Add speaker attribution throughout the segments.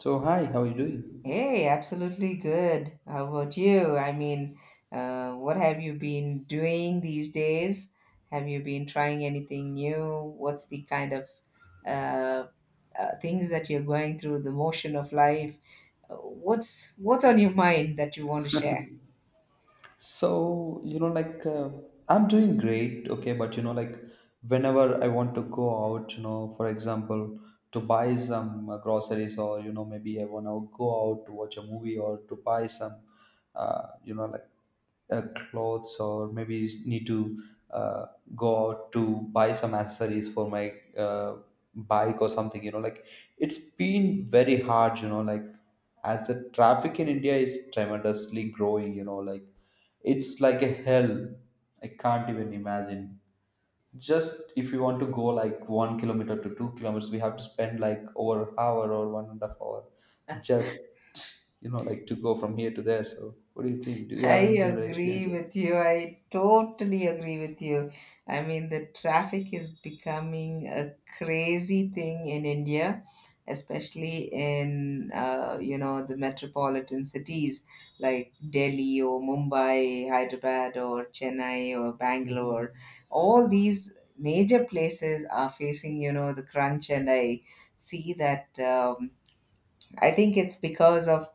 Speaker 1: So hi, how are you doing?
Speaker 2: Hey, absolutely good. How about you? What have you been doing these days? Have you been trying anything new? What's the kind of uh, things that you're going through, the motion of life? What's on your mind that you want to share?
Speaker 1: So you know, like uh, I'm doing great, okay. But you know, like whenever I want to go out, you know, for example, to buy some groceries, or you know, maybe I wanna go out to watch a movie or to buy some, uh, you know, like clothes or maybe need to uh, go out to buy some accessories for my bike or something, you know, like it's been very hard, you know, like as the traffic in India is tremendously growing, you know, like it's like a hell. I can't even imagine. Just if you want to go like 1 kilometer to 2 kilometers, we have to spend like over hour or 1.5 hour, just, you know, like to go from here to there. So what do you think? Do you
Speaker 2: I
Speaker 1: have any similar
Speaker 2: agree
Speaker 1: experiences?
Speaker 2: with you. I totally agree with you. I mean, the traffic is becoming a crazy thing in India, especially in you know the metropolitan cities like Delhi or Mumbai, Hyderabad or Chennai or Bangalore.
Speaker 1: Mhm.
Speaker 2: All these major places are facing you know the crunch, and I see that. I think it's because of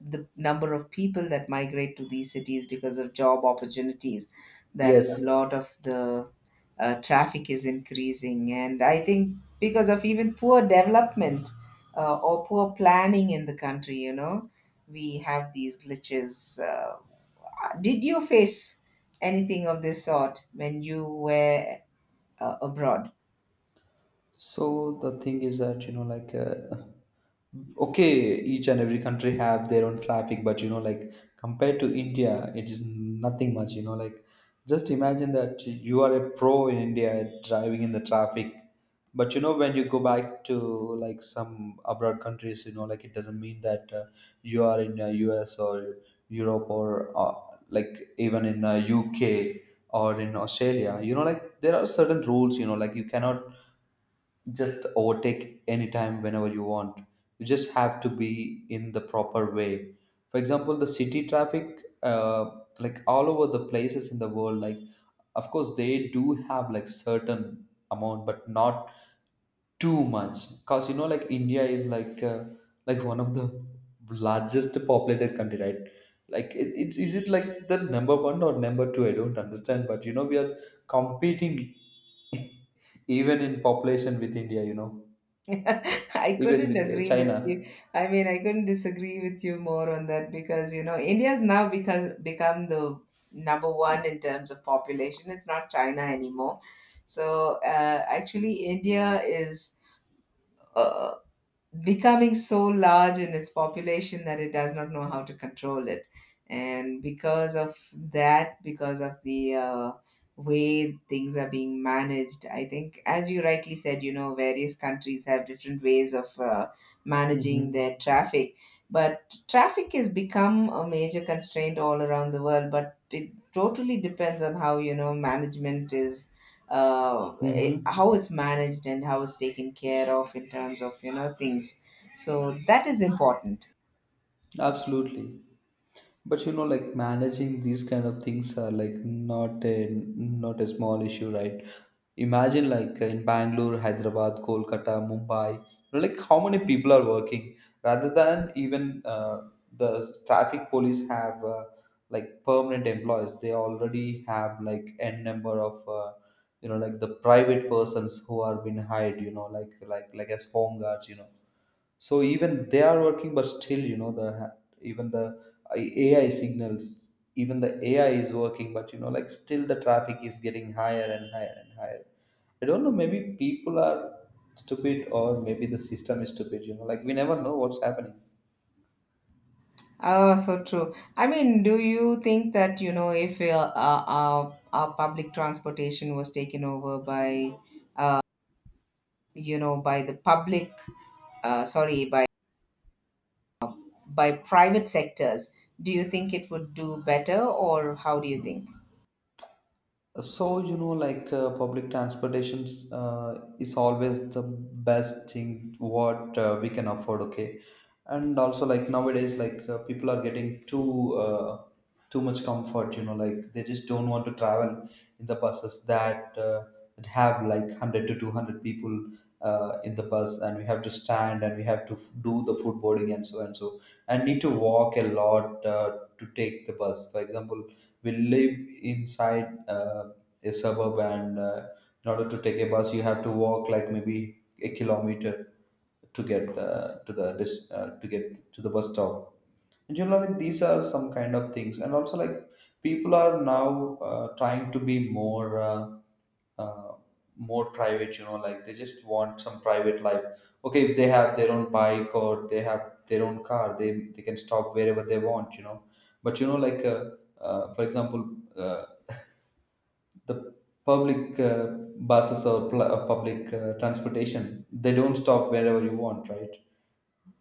Speaker 2: the number of people that migrate to these cities because of job opportunities that a
Speaker 1: Yes.
Speaker 2: lot of the traffic is increasing. And I think because of even poor development or poor planning in the country, you know, we have these glitches. Did you face anything of this sort when you were abroad?
Speaker 1: So the thing is that you know, like Okay, each and every country have their own traffic, but you know, like compared to India, it is nothing much, you know, like just imagine that you are a pro in India driving in the traffic. But you know, when you go back to like some abroad countries, you know, like it doesn't mean that you are in US or Europe or like even in UK or in Australia. You know, like there are certain rules, you know, like you cannot just overtake anytime whenever you want. You just have to be in the proper way. For example, the city traffic, like all over the places in the world, like of course they do have like certain amount, but not too much, because you know, like India is like one of the largest populated country, right? Like it's is it like the number one or number two, I don't understand, but you know, we are competing even in population with India, you know,
Speaker 2: I
Speaker 1: even
Speaker 2: couldn't
Speaker 1: with
Speaker 2: agree with
Speaker 1: China.
Speaker 2: you. I mean, I couldn't disagree with you more on that, because you know India's now because become the number one in terms of population. It's not China anymore. So uh, Actually, India is. uh, becoming so large in its population that it does not know how to control it. And because of that, because of the way things are being managed, I think, as you rightly said, you know, various countries have different ways of
Speaker 1: Hmm.
Speaker 2: managing their traffic. But traffic has become a major constraint all around the world, but it totally depends on how, you know, management is uh, how
Speaker 1: Hmm.
Speaker 2: it's managed and how it's taken care of in terms of you know things, so that is important.
Speaker 1: Absolutely. But you know, like managing these kind of things are like not a small issue, right? Imagine like in Bangalore, Hyderabad, Kolkata, Mumbai, you know, like how many people are working rather than even the traffic police have like permanent employees. They already have like n number of you know, like the private persons who are being hired. You know, like as home guards. You know, so even they are working, but still you know the even the AI signals, even the AI is working, but you know, like still the traffic is getting higher and higher and higher. I don't know, maybe people are stupid or maybe the system is stupid, you know, like we never know what's happening.
Speaker 2: Oh, so true. I mean, do you think that, you know, if our public transportation was taken over by uh, you know by the public, sorry, by private sectors, do you think it would do better, or how do you think?
Speaker 1: Public transportation is always the best thing what we can afford, okay? And also, like nowadays, like people are getting too much comfort, you know, like they just don't want to travel in the buses that that have like 100 to 200 people in the bus, and we have to stand and we have to do the food boarding and so and so, and need to walk a lot to take the bus. For example, we live inside. A suburb, and in order to take a bus you have to walk like maybe a kilometer to get to get to the bus stop. And you know, like these are some kind of things. And also, like people are now trying to be uh, more private, you know, like they just want some private life. Okay, if they have their own bike or they have their own car, they can stop wherever they want, you know. But you know, for example, uh, the public buses or public transportation, they don't stop wherever you want, right?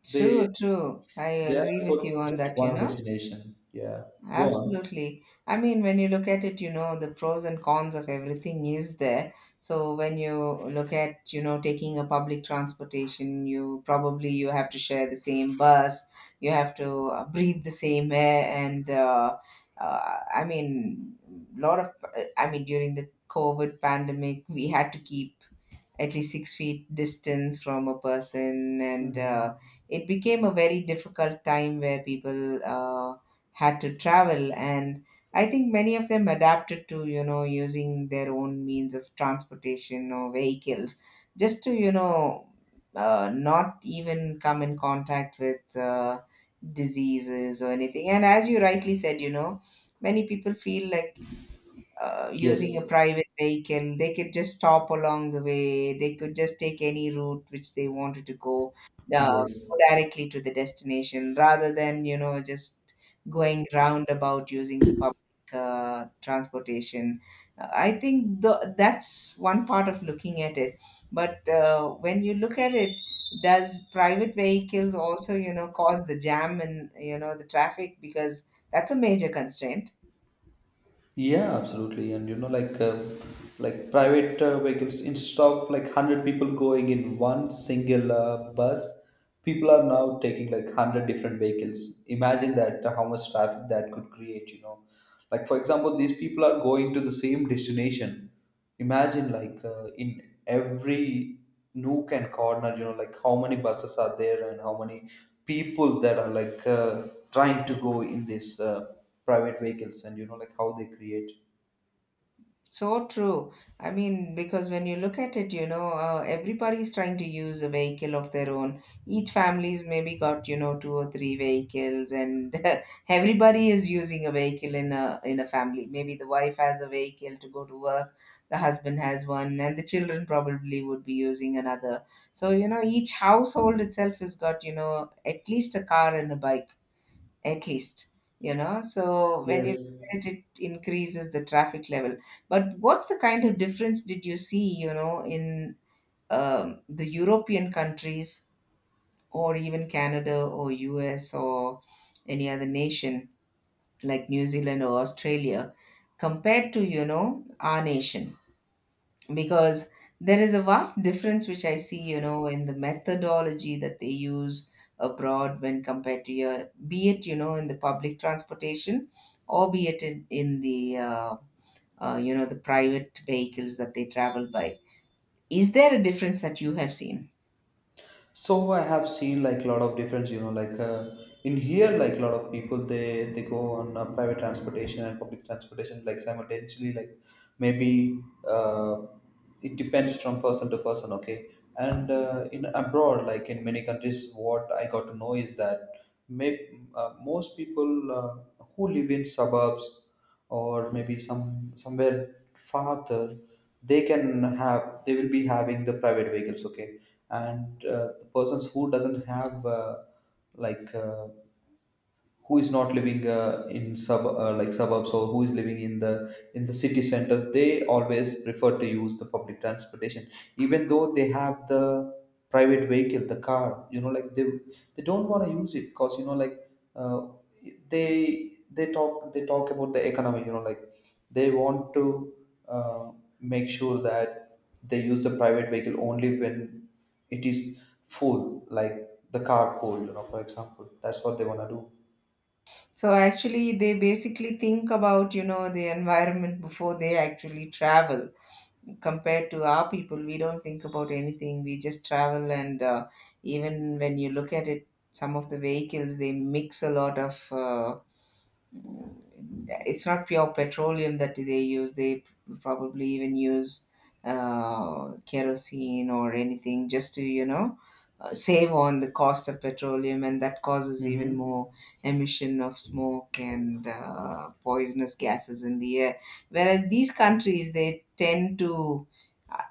Speaker 2: True,
Speaker 1: they
Speaker 2: true, I
Speaker 1: they are
Speaker 2: agree
Speaker 1: for
Speaker 2: with you on
Speaker 1: just
Speaker 2: that, you
Speaker 1: one
Speaker 2: know.
Speaker 1: destination, yeah. Go on.
Speaker 2: Absolutely. I mean, when you look at it, you know, the pros and cons of everything is there. So when you look at, you know, taking a public transportation, you probably you have to share the same bus, you have to breathe the same air, and I mean, lot of, I mean, during the COVID pandemic, we had to keep at least six feet distance from a person, and
Speaker 1: Hmm.
Speaker 2: it became a very difficult time where people had to travel, and I think many of them adapted to you know using their own means of transportation or vehicles, just to you know not even come in contact with diseases or anything. And as you rightly said, you know, many people feel like using a
Speaker 1: Yes.
Speaker 2: private vehicle. They could just stop along the way. They could just take any route which they wanted to go, uh,
Speaker 1: Yes.
Speaker 2: go directly to the destination rather than, you know, just going roundabout using the public transportation. I think the, that's one part of looking at it. But when you look at it, does private vehicles also, you know, cause the jam and, you know, the traffic? Because that's a major constraint.
Speaker 1: Yeah, absolutely. And you know, like private vehicles, instead of like hundred people going in one single bus, people are now taking like hundred different vehicles. Imagine that how much traffic that could create. You know, like for example, these people are going to the same destination. Imagine like in every nook and corner, you know, like how many buses are there and how many people that are like trying to go in these private vehicles, and you know, like how they create.
Speaker 2: So true. I mean, because when you look at it, you know, everybody's trying to use a vehicle of their own. Each family's maybe got, you know, two or three vehicles, and everybody is using a vehicle in a family. Maybe the wife has a vehicle to go to work, the husband has one, and the children probably would be using another. So, you know, each household itself has got, you know, at least a car and a bike. At least, you know, so when you look
Speaker 1: Yes.
Speaker 2: at it, it increases the traffic level. But what's the kind of difference did you see, you know, in the European countries, or even Canada or US or any other nation, like New Zealand or Australia, compared to you know our nation? Because there is a vast difference which I see, you know, in the methodology that they use abroad when compared to your, be it, you know, in the public transportation or be it in you know, the private vehicles that they travel by. Is there a difference that you have seen?
Speaker 1: So I have seen like a lot of difference, you know, like in here, like a lot of people they go on private transportation and public transportation like simultaneously, like maybe uh, it depends from person to person, okay. And in abroad, like in many countries, what I got to know is that most people who live in suburbs or maybe somewhere farther, they can have they will be having the private vehicles, okay. And the persons who doesn't have like uh, who is not living in sub like suburbs, or who is living in the city centers, they always prefer to use the public transportation even though they have the private vehicle, the car, you know, like they don't want to use it because you know, uh, they they talk about the economy. You know, like they want to uh, make sure that they use the private vehicle only when it is full, like the carpool, you know, for example, that's what they want to do.
Speaker 2: So actually, they basically think about, you know, the environment before they actually travel, compared to our people. We don't think about anything. We just travel, and even when you look at it, some of the vehicles they mix a lot of it's not pure petroleum that they use. They probably even use kerosene or anything just to, you know, save on the cost of petroleum, and that causes even more
Speaker 1: Mm-hmm.
Speaker 2: emission of smoke and poisonous gases in the air. Whereas these countries, they tend to,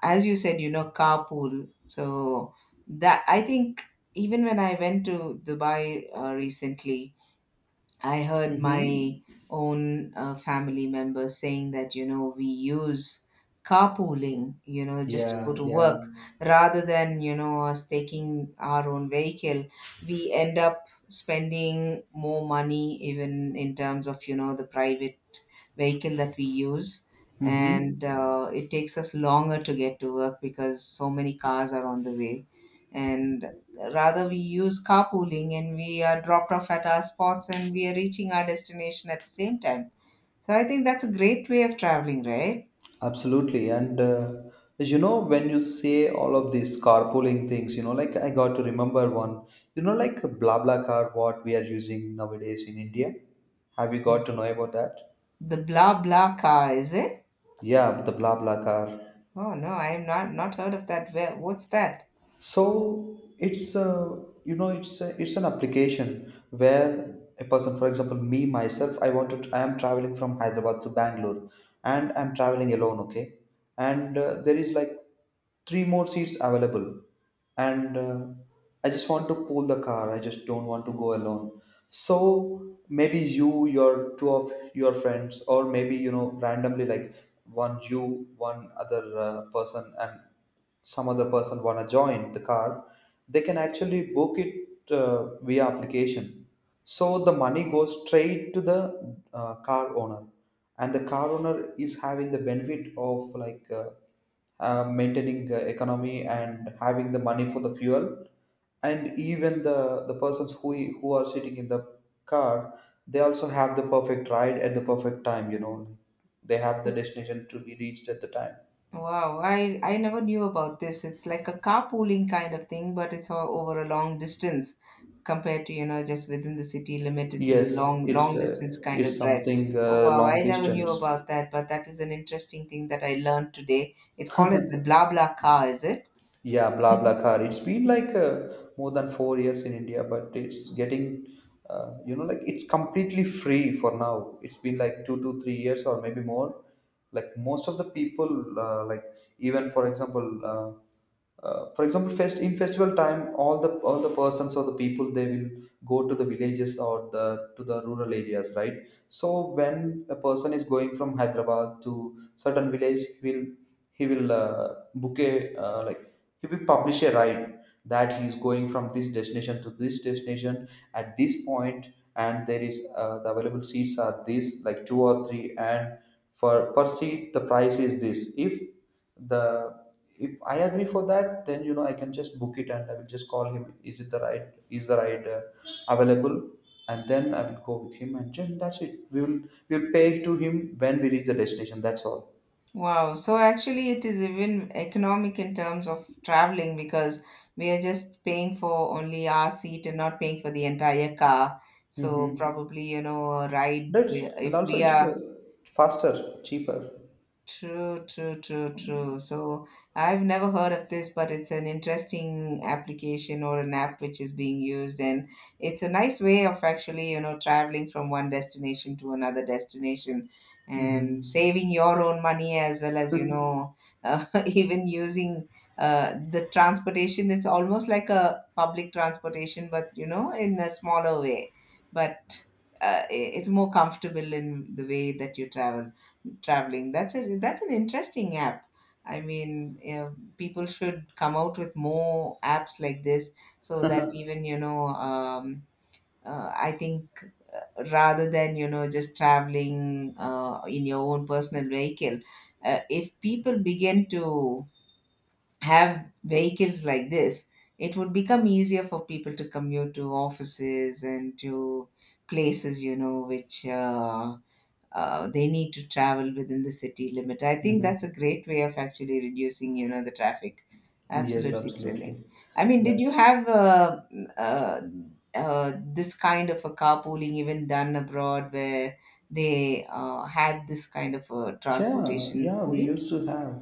Speaker 2: as you said, you know, carpool. So that I think, even when I went to Dubai recently, I heard my
Speaker 1: Mm-hmm.
Speaker 2: own family members saying that, you know, we use carpooling, you know, just to go
Speaker 1: Yeah,
Speaker 2: to
Speaker 1: yeah.
Speaker 2: work rather than, you know, us taking our own vehicle. We end up spending more money, even in terms of, you know, the private vehicle that we use. And
Speaker 1: Mm-hmm.
Speaker 2: it takes us longer to get to work because so many cars are on the way. And rather, we use carpooling and we are dropped off at our spots and we are reaching our destination at the same time. So I think that's a great way of traveling, right?
Speaker 1: Absolutely. And you know, when you say all of these carpooling things, you know, like I got to remember one, you know, like BlaBlaCar, what we are using nowadays in India. Have you got to know about that?
Speaker 2: The blah blah car, is it?
Speaker 1: Yeah, the BlaBlaCar.
Speaker 2: Oh no, I have not heard of that. Where, what's that?
Speaker 1: So it's a, you know, it's an application where a person, for example, me myself, I am traveling from Hyderabad to Bangalore and I'm traveling alone, okay. And there is like three more seats available, and I just want to pull the car, I just don't want to go alone. So maybe your two of your friends, or maybe you know, randomly, like one you one other person, and some other person wanna join the car, they can actually book it via application. So the money goes straight to the car owner. And the car owner is having the benefit of like maintaining economy and having the money for the fuel. And even the persons who are sitting in the car, they also have the perfect ride at the perfect time, you know. They have the destination to be reached at the time.
Speaker 2: Wow, I never knew about this. It's like a carpooling kind of thing, but it's all over a long distance compared to, you know, just within the city limit. It's a
Speaker 1: Yes,
Speaker 2: long, long distance kind of
Speaker 1: it's
Speaker 2: drive.
Speaker 1: something
Speaker 2: Oh, wow, I
Speaker 1: long
Speaker 2: never knew
Speaker 1: distance.
Speaker 2: about that, but that is an interesting thing that I learned today. It's called as the blah blah car, is it?
Speaker 1: Yeah, blah blah car, it's been like more than 4 years in India. But it's getting, you know, like it's completely free. For now it's been like 2 to 3 years or maybe more. Like most of the people, even for example, for example, festival time, all the persons or the people, they will go to the villages or the to the rural areas, right? So when a person is going from Hyderabad to certain village, he will book a uh, like he will publish a ride that he is going from this destination to this destination at this point, and there is the available seats are this, like two or three, and for per seat the price is this. If the, if I agree for that, then you know I can just book it and I will just call him. Is it the ride? Is the ride available? And then I will go with him, and then that's it. We will pay to him when we reach the destination. That's all.
Speaker 2: Wow. So actually, it is even economic in terms of traveling, because we are just paying for only our seat and not paying for the entire car. So
Speaker 1: Mhm.
Speaker 2: probably, you know, a ride
Speaker 1: That's,
Speaker 2: where-
Speaker 1: and
Speaker 2: if
Speaker 1: also
Speaker 2: we
Speaker 1: it's
Speaker 2: are
Speaker 1: faster, cheaper.
Speaker 2: true, true, true, true. So I've never heard of this, but it's an interesting application or an app which is being used, and it's a nice way of actually, you know, traveling from one destination to another destination and
Speaker 1: Mm-hmm.
Speaker 2: saving your own money as well as, you know, even using the transportation. It's almost like a public transportation, but, you know, in a smaller way. But it's more comfortable in the way that you travel traveling. That's a that's an interesting app. I mean, uh, People should come out with more apps like this, so that even you know. I think rather than you know just traveling in your own personal vehicle, if people begin to have vehicles like this, it would become easier for people to commute to offices and to places, you know, which they need to travel within the city limit. I think that's a
Speaker 1: Mm-hmm.
Speaker 2: great way of actually reducing, you know, the traffic.
Speaker 1: Yes,
Speaker 2: Absolutely thrilling.
Speaker 1: absolutely.
Speaker 2: I mean, did you
Speaker 1: That's,
Speaker 2: have uh, this kind of a carpooling even done abroad, where they had this kind of a
Speaker 1: yeah,
Speaker 2: transportation
Speaker 1: yeah. We
Speaker 2: pooling?
Speaker 1: used to have.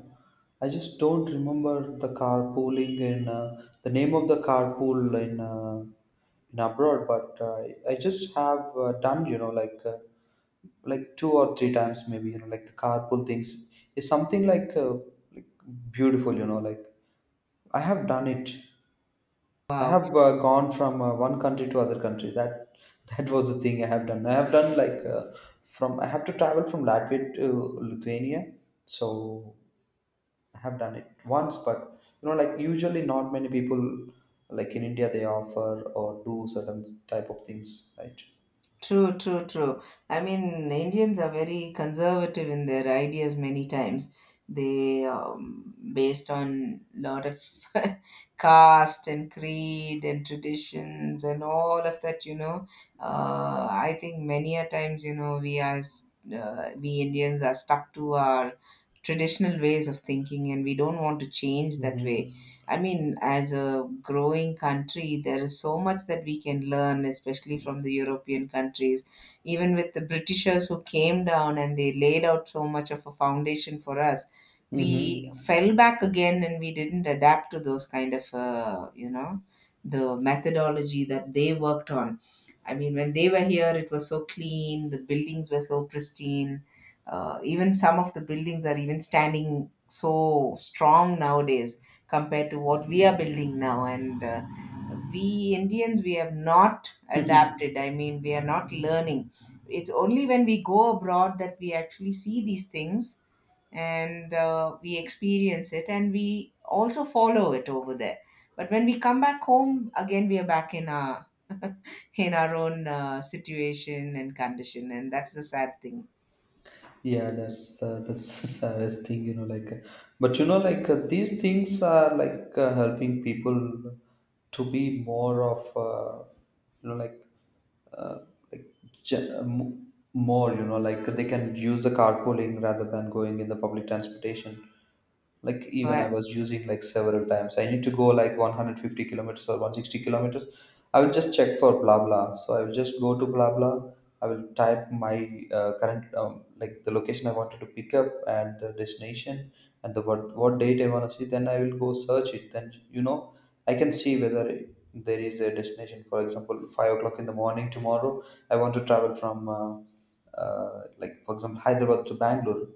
Speaker 1: I just don't remember the carpooling in the name of the carpool in abroad, but I just have done, you know, like two or three times maybe, you know, like the carpool things is something like beautiful, you know, like I have done it. I have gone from one country to other country. That that was the thing I have done. I have done like from I have to travel from Latvia to Lithuania. So I have done it once. But you know, like usually not many people like in India they offer or do certain type of things, right?
Speaker 2: True, true, true. I mean, Indians are very conservative in their ideas many times. They based on lot of caste and creed and traditions and all of that. You know, I think many a times you know we as we Indians are stuck to our traditional ways of thinking, and we don't want to change that way.
Speaker 1: Mm-hmm.
Speaker 2: I mean, as a growing country, there is so much that we can learn, especially from the European countries. Even with the Britishers who came down and they laid out so much of a foundation for us, we
Speaker 1: Mm-hmm.
Speaker 2: fell back again and we didn't adapt to those kind of, you know, the methodology that they worked on. I mean, when they were here, it was so clean, the buildings were so pristine. Even some of the buildings are even standing so strong nowadays compared to what we are building now. And we Indians, we have not adapted. I mean, we are not learning. It's only when we go abroad that we actually see these things, and we experience it and we also follow it over there. But when we come back home, again, we are back in our own situation and condition, and that's the sad thing.
Speaker 1: Yeah, that's the saddest thing. But you know like these things are like helping people to be more of you know uh, like gen- mo- more. They can use the carpooling rather than going in the public transportation. Like
Speaker 2: So
Speaker 1: even I
Speaker 2: I,
Speaker 1: was using like several times. I need to go like 150 kilometers or 160 kilometers. I will just check for blah blah, so I will just go to blah blah. I will type my current like the location I wanted to pick up, and the destination, and the what date I want to see. Then I will go search it. Then you know I can see whether there is a destination. For example, 5 o'clock in the morning tomorrow. I want to travel from like, for example, Hyderabad to Bangalore.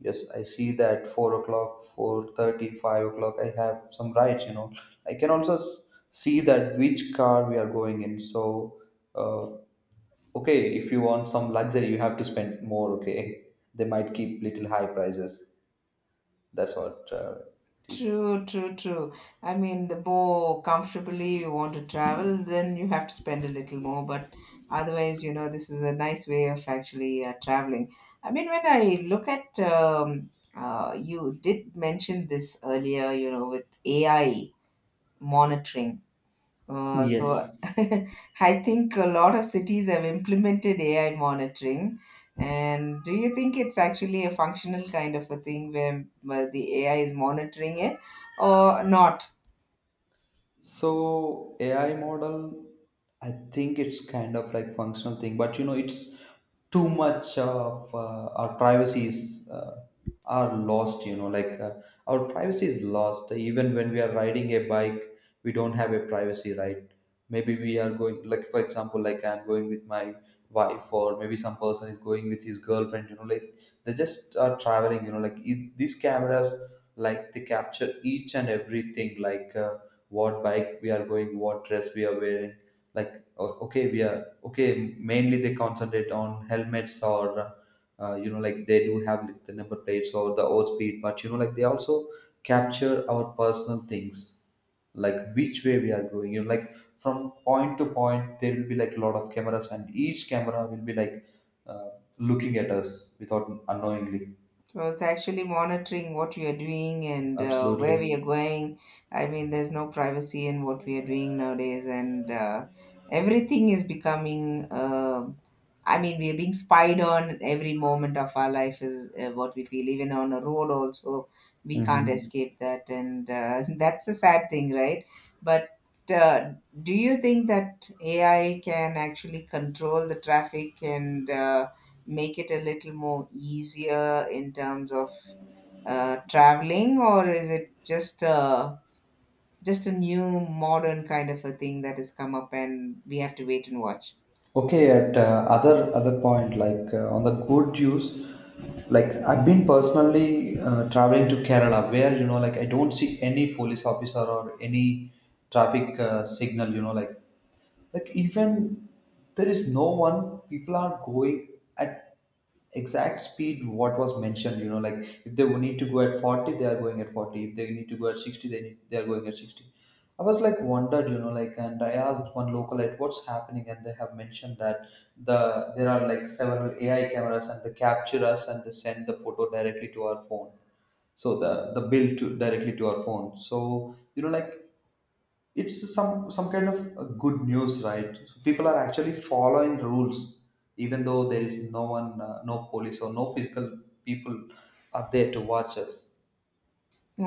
Speaker 1: Yes, I see that 4 o'clock, 4:30, 5 o'clock. I have some rights. I can also see that which car we are going in. So. Uh, Okay, if you want some luxury, you have to spend more. Okay, they might keep little high prices. That's what it is.
Speaker 2: true, true, true. I mean, the more comfortably you want to travel, then you have to spend a little more. But otherwise, you know, this is a nice way of actually traveling. I mean, when I look at, you did mention this earlier, you know, with AI monitoring. So
Speaker 1: Yes.
Speaker 2: I think a lot of cities have implemented AI monitoring. And do you think it's actually a functional kind of a thing where the AI is monitoring it or not?
Speaker 1: So AI model, I think it's kind of like functional thing, but you know, it's too much of our privacy is are lost. Our privacy is lost even when we are riding a bike. We don't have a privacy, right? Maybe we are going, like, for example, like I'm going with my wife, or maybe some person is going with his girlfriend. They just are traveling. These cameras, like, they capture each and everything, like what bike we are going, what dress we are wearing. Like o- okay we are okay Mainly they concentrate on helmets, or they do have like the number plates or the odd speed, but you know, like, they also capture our personal things, like which way we are going. From point to point there will be like a lot of cameras, and each camera will be like uh, looking at us without, unknowingly.
Speaker 2: So it's actually monitoring what we are doing and where
Speaker 1: Absolutely.
Speaker 2: we are going. I mean, there's no privacy in what we are doing nowadays, and everything is becoming. I mean, we are being spied on. Every moment of our life is what we feel. Even on a road, also we can't
Speaker 1: Hmm.
Speaker 2: escape that, and that's a sad thing, right? But uh, do you think that AI can actually control the traffic and make it a little more easier in terms of traveling, or is it just a new modern kind of a thing that has come up and we have to wait and watch?
Speaker 1: Okay, at other point, like on the good use, like I've been personally traveling to Kerala, where you know, like, I don't see any police officer or any traffic signal. You know like even There is no one. People are going at exact speed what was mentioned. If they need to go at 40, they are going at 40. If they need to go at 60, they are going at 60. I was like wondered, you know, like, and I asked one local at what's happening, and they have mentioned that there are like several AI cameras, and they capture us and they send the photo directly to our phone. So the bill to directly to our phone. So you know, like, it's some kind of good news, right? So people are actually following rules even though there is no one, no police or no physical people are there to watch us.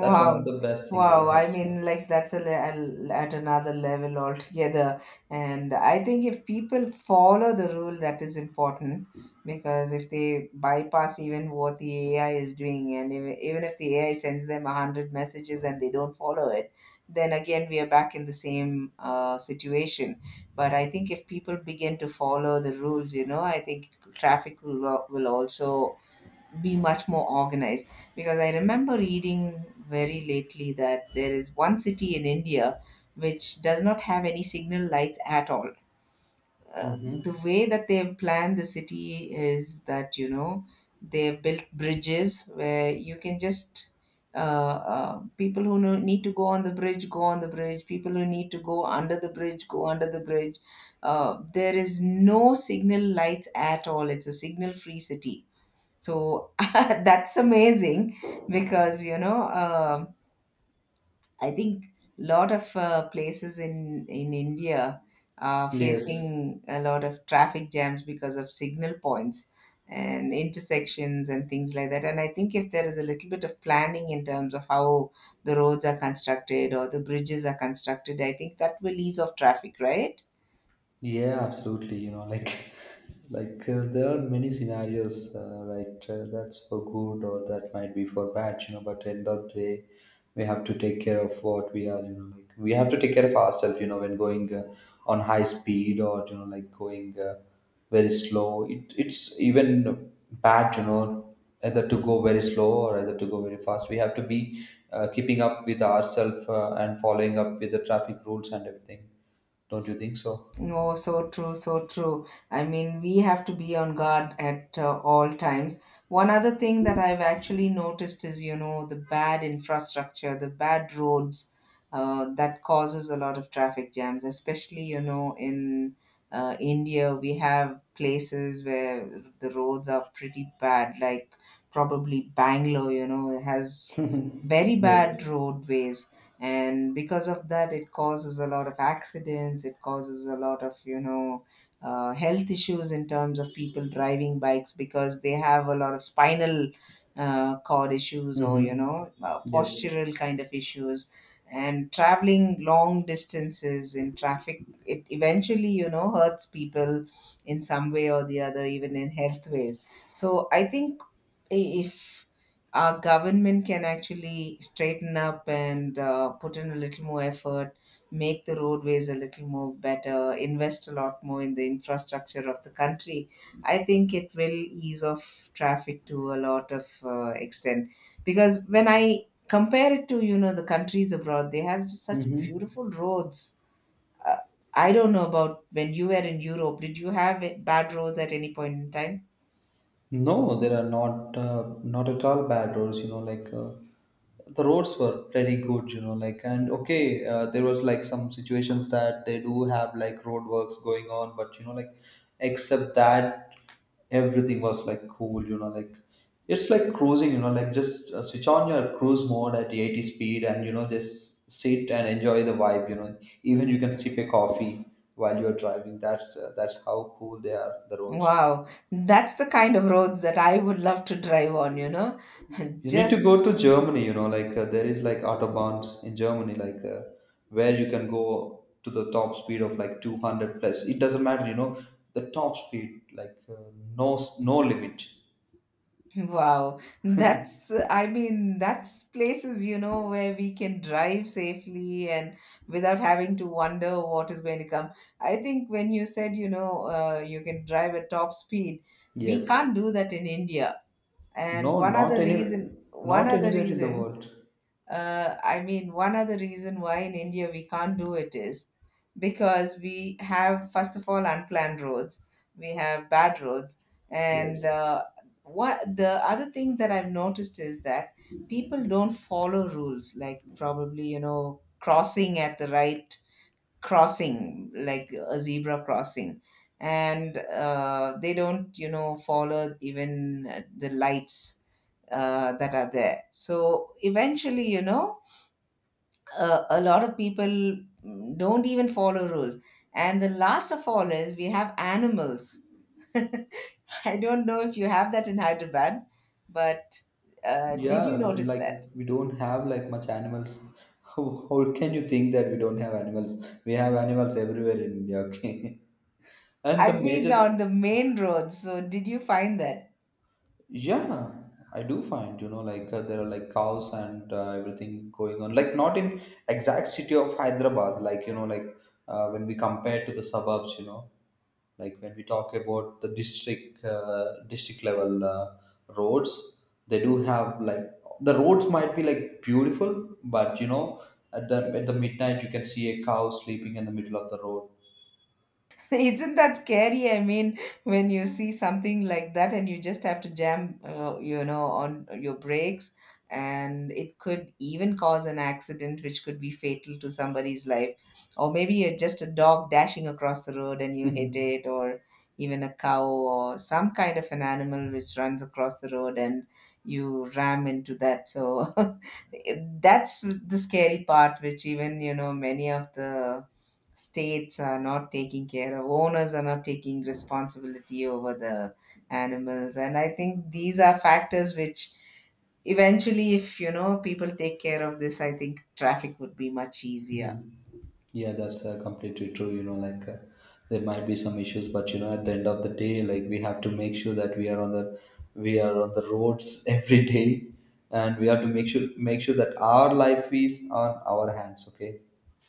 Speaker 1: That's one of the best thing what
Speaker 2: Wow.
Speaker 1: I have
Speaker 2: I
Speaker 1: seen.
Speaker 2: mean, like that's a at another level altogether. And I think if people follow the rule, that is important, because if they bypass even what the AI is doing, and even if the AI sends them a hundred messages and they don't follow it, then again we are back in the same situation. But I think if people begin to follow the rules, you know, I think traffic will also be much more organized, because I remember reading very lately that there is one city in India which does not have any signal lights at all. Uh,
Speaker 1: Hmm.
Speaker 2: the way that they've planned the city is that, you know, they've built bridges where you can just people who need to go on the bridge go on the bridge, people who need to go under the bridge go under the bridge. Uh, there is no signal lights at all, it's a signal free city. So that's amazing, because you know I think a lot of places in India are
Speaker 1: Yes.
Speaker 2: facing a lot of traffic jams because of signal points and intersections and things like that. And I think if there is a little bit of planning in terms of how the roads are constructed or the bridges are constructed, I think that will ease off traffic, right?
Speaker 1: Yeah, absolutely. There are many scenarios, right? That's for good, or that might be for bad. You know, but end of the day, we have to take care of what we are. You know, like, we have to take care of ourselves. You know, when going on high speed, or you know, like, going very slow, it's even bad. You know, either to go very slow or either to go very fast. We have to be keeping up with ourselves and following up with the traffic rules and everything. Don't you think so?
Speaker 2: No, so true, so true. I mean, we have to be on guard at all times. One other thing that I've actually noticed is, you know, the bad infrastructure, the bad roads that causes a lot of traffic jams, especially, you know, in India. We have places where the roads are pretty bad, like probably Bangalore, you know, it has very bad
Speaker 1: Yes.
Speaker 2: roadways, and because of that it causes a lot of accidents, it causes a lot of, you know, health issues in terms of people driving bikes, because they have a lot of spinal cord issues, or you
Speaker 1: Hmm.
Speaker 2: know
Speaker 1: Yes.
Speaker 2: postural kind of issues, and traveling long distances in traffic, it eventually, you know, hurts people in some way or the other, even in health ways. So I think, if our government can actually straighten up and put in a little more effort, make the roadways a little more better, invest a lot more in the infrastructure of the country, I think it will ease off traffic to a lot of extent. Because when I compare it to, you know, the countries abroad, they have just such
Speaker 1: hmm
Speaker 2: beautiful roads. Uh, I don't know about when you were in Europe. Did you have bad roads at any point in time?
Speaker 1: No, there are not at all bad roads. The roads were pretty good. You know, like, and okay, there was like some situations that they do have like roadworks going on, but you know, like, except that, everything was like cool. You know, like, it's like cruising. You know, like, just switch on your cruise mode at the 80 speed, and you know, just sit and enjoy the vibe. You know, even you can sip a coffee while you're driving. That's how cool they are. The roads. You know.
Speaker 2: Wow, that's the kind of roads that I would love to drive on, you know.
Speaker 1: You need to
Speaker 2: Just
Speaker 1: go to Germany, you know, like there is like autobahns in Germany, like where you can go to the top speed of like 200 plus. It doesn't matter, you know, the top speed, like no limit.
Speaker 2: wow. That's, I mean, that's places, you know, where we can drive safely and without having to wonder what is going to come. I think when you said, you know, you can drive at top speed, we
Speaker 1: Yes.
Speaker 2: can't do that in India. And
Speaker 1: No,
Speaker 2: one other
Speaker 1: not any,
Speaker 2: reason, one
Speaker 1: not
Speaker 2: other
Speaker 1: anywhere in the
Speaker 2: reason.
Speaker 1: world.
Speaker 2: I mean, one other reason why in India we can't do it is because we have, first of all, unplanned roads, we have bad roads. And
Speaker 1: Yes.
Speaker 2: what, the other thing that I've noticed is that people don't follow rules, like probably, you know, crossing at the right crossing, like a zebra crossing. And they don't, you know, follow even the lights that are there. So eventually, you know, a lot of people don't even follow rules. And the last of all is we have animals. I don't know if you have that in Hyderabad, but did you
Speaker 1: Yeah,
Speaker 2: notice
Speaker 1: like,
Speaker 2: that?
Speaker 1: we don't have like much animals. How can you think that we don't have animals? We have animals everywhere in India, okay? And the
Speaker 2: I've been
Speaker 1: major,
Speaker 2: on the main road, so did you find that?
Speaker 1: yeah, I do find, you know, like there are like cows and everything going on. Like, not in exact city of Hyderabad, like, you know, like when we compare to the suburbs, you know, like, when we talk about the district district level roads, they do have like the roads might be like beautiful, but you know, at the midnight you can see a cow sleeping in the middle of the
Speaker 2: Isn't that scary? I mean, when you see something like that and you just have to jam, you know, on your brakes, and it could even cause an accident, which could be fatal to somebody's life. Or maybe you're just a dog dashing across the road and you hit
Speaker 1: road.
Speaker 2: it, or even a cow or some kind of an animal which runs across the road and you ram into that. So that's the scary part, which even, you know, many of the states are not taking care of, owners are not taking responsibility over the animals. And I think these are factors which eventually, if you know, people take care of this, I think traffic would be much easier.
Speaker 1: Yeah, that's completely true. There might be some issues, but you know, at the end of the day, like, we have to make sure that we are on the we are on the roads every day, and we have to make sure that our life is on our hands. Okay,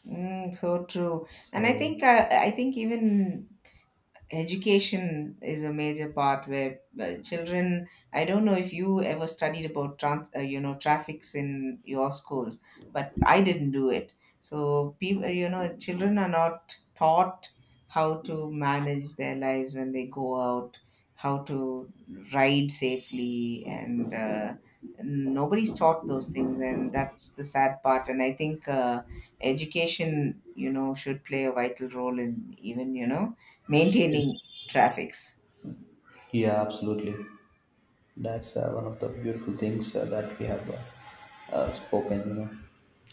Speaker 2: Mm, so true. And
Speaker 1: so
Speaker 2: I think even education is a major part, where children, I don't know if you ever studied about trans you know, traffics in your schools, but I didn't do it. So people, you know, children are not taught how to manage their lives when they go out, how to ride safely, and nobody's taught those things, and that's the sad part. And I think education, you know, should play a vital role in even, you know, maintaining
Speaker 1: yes,
Speaker 2: traffics.
Speaker 1: yeah, absolutely. That's one of the beautiful things that we have spoken. You know,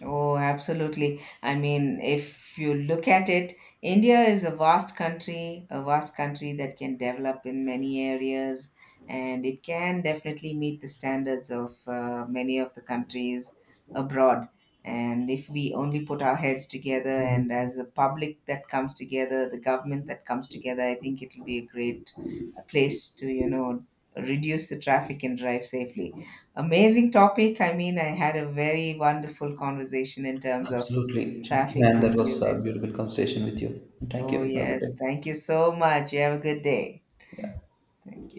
Speaker 2: Oh, absolutely. I mean, if you look at it, India is a vast country that can develop in many areas, and it can definitely meet the standards of many of the countries abroad. And if we only put our heads together, and as a public that comes together, the government that comes together, I think it'll be a great place to, you know, reduce the traffic and drive safely. Amazing topic. I mean, I had a very wonderful conversation in terms of
Speaker 1: absolutely,
Speaker 2: traffic
Speaker 1: and
Speaker 2: with
Speaker 1: that was
Speaker 2: you.
Speaker 1: a
Speaker 2: And
Speaker 1: beautiful conversation with you. Thank
Speaker 2: oh,
Speaker 1: you. Have a good
Speaker 2: yes,
Speaker 1: day.
Speaker 2: thank you so much. You have a good day.
Speaker 1: Yeah.
Speaker 2: Thank you.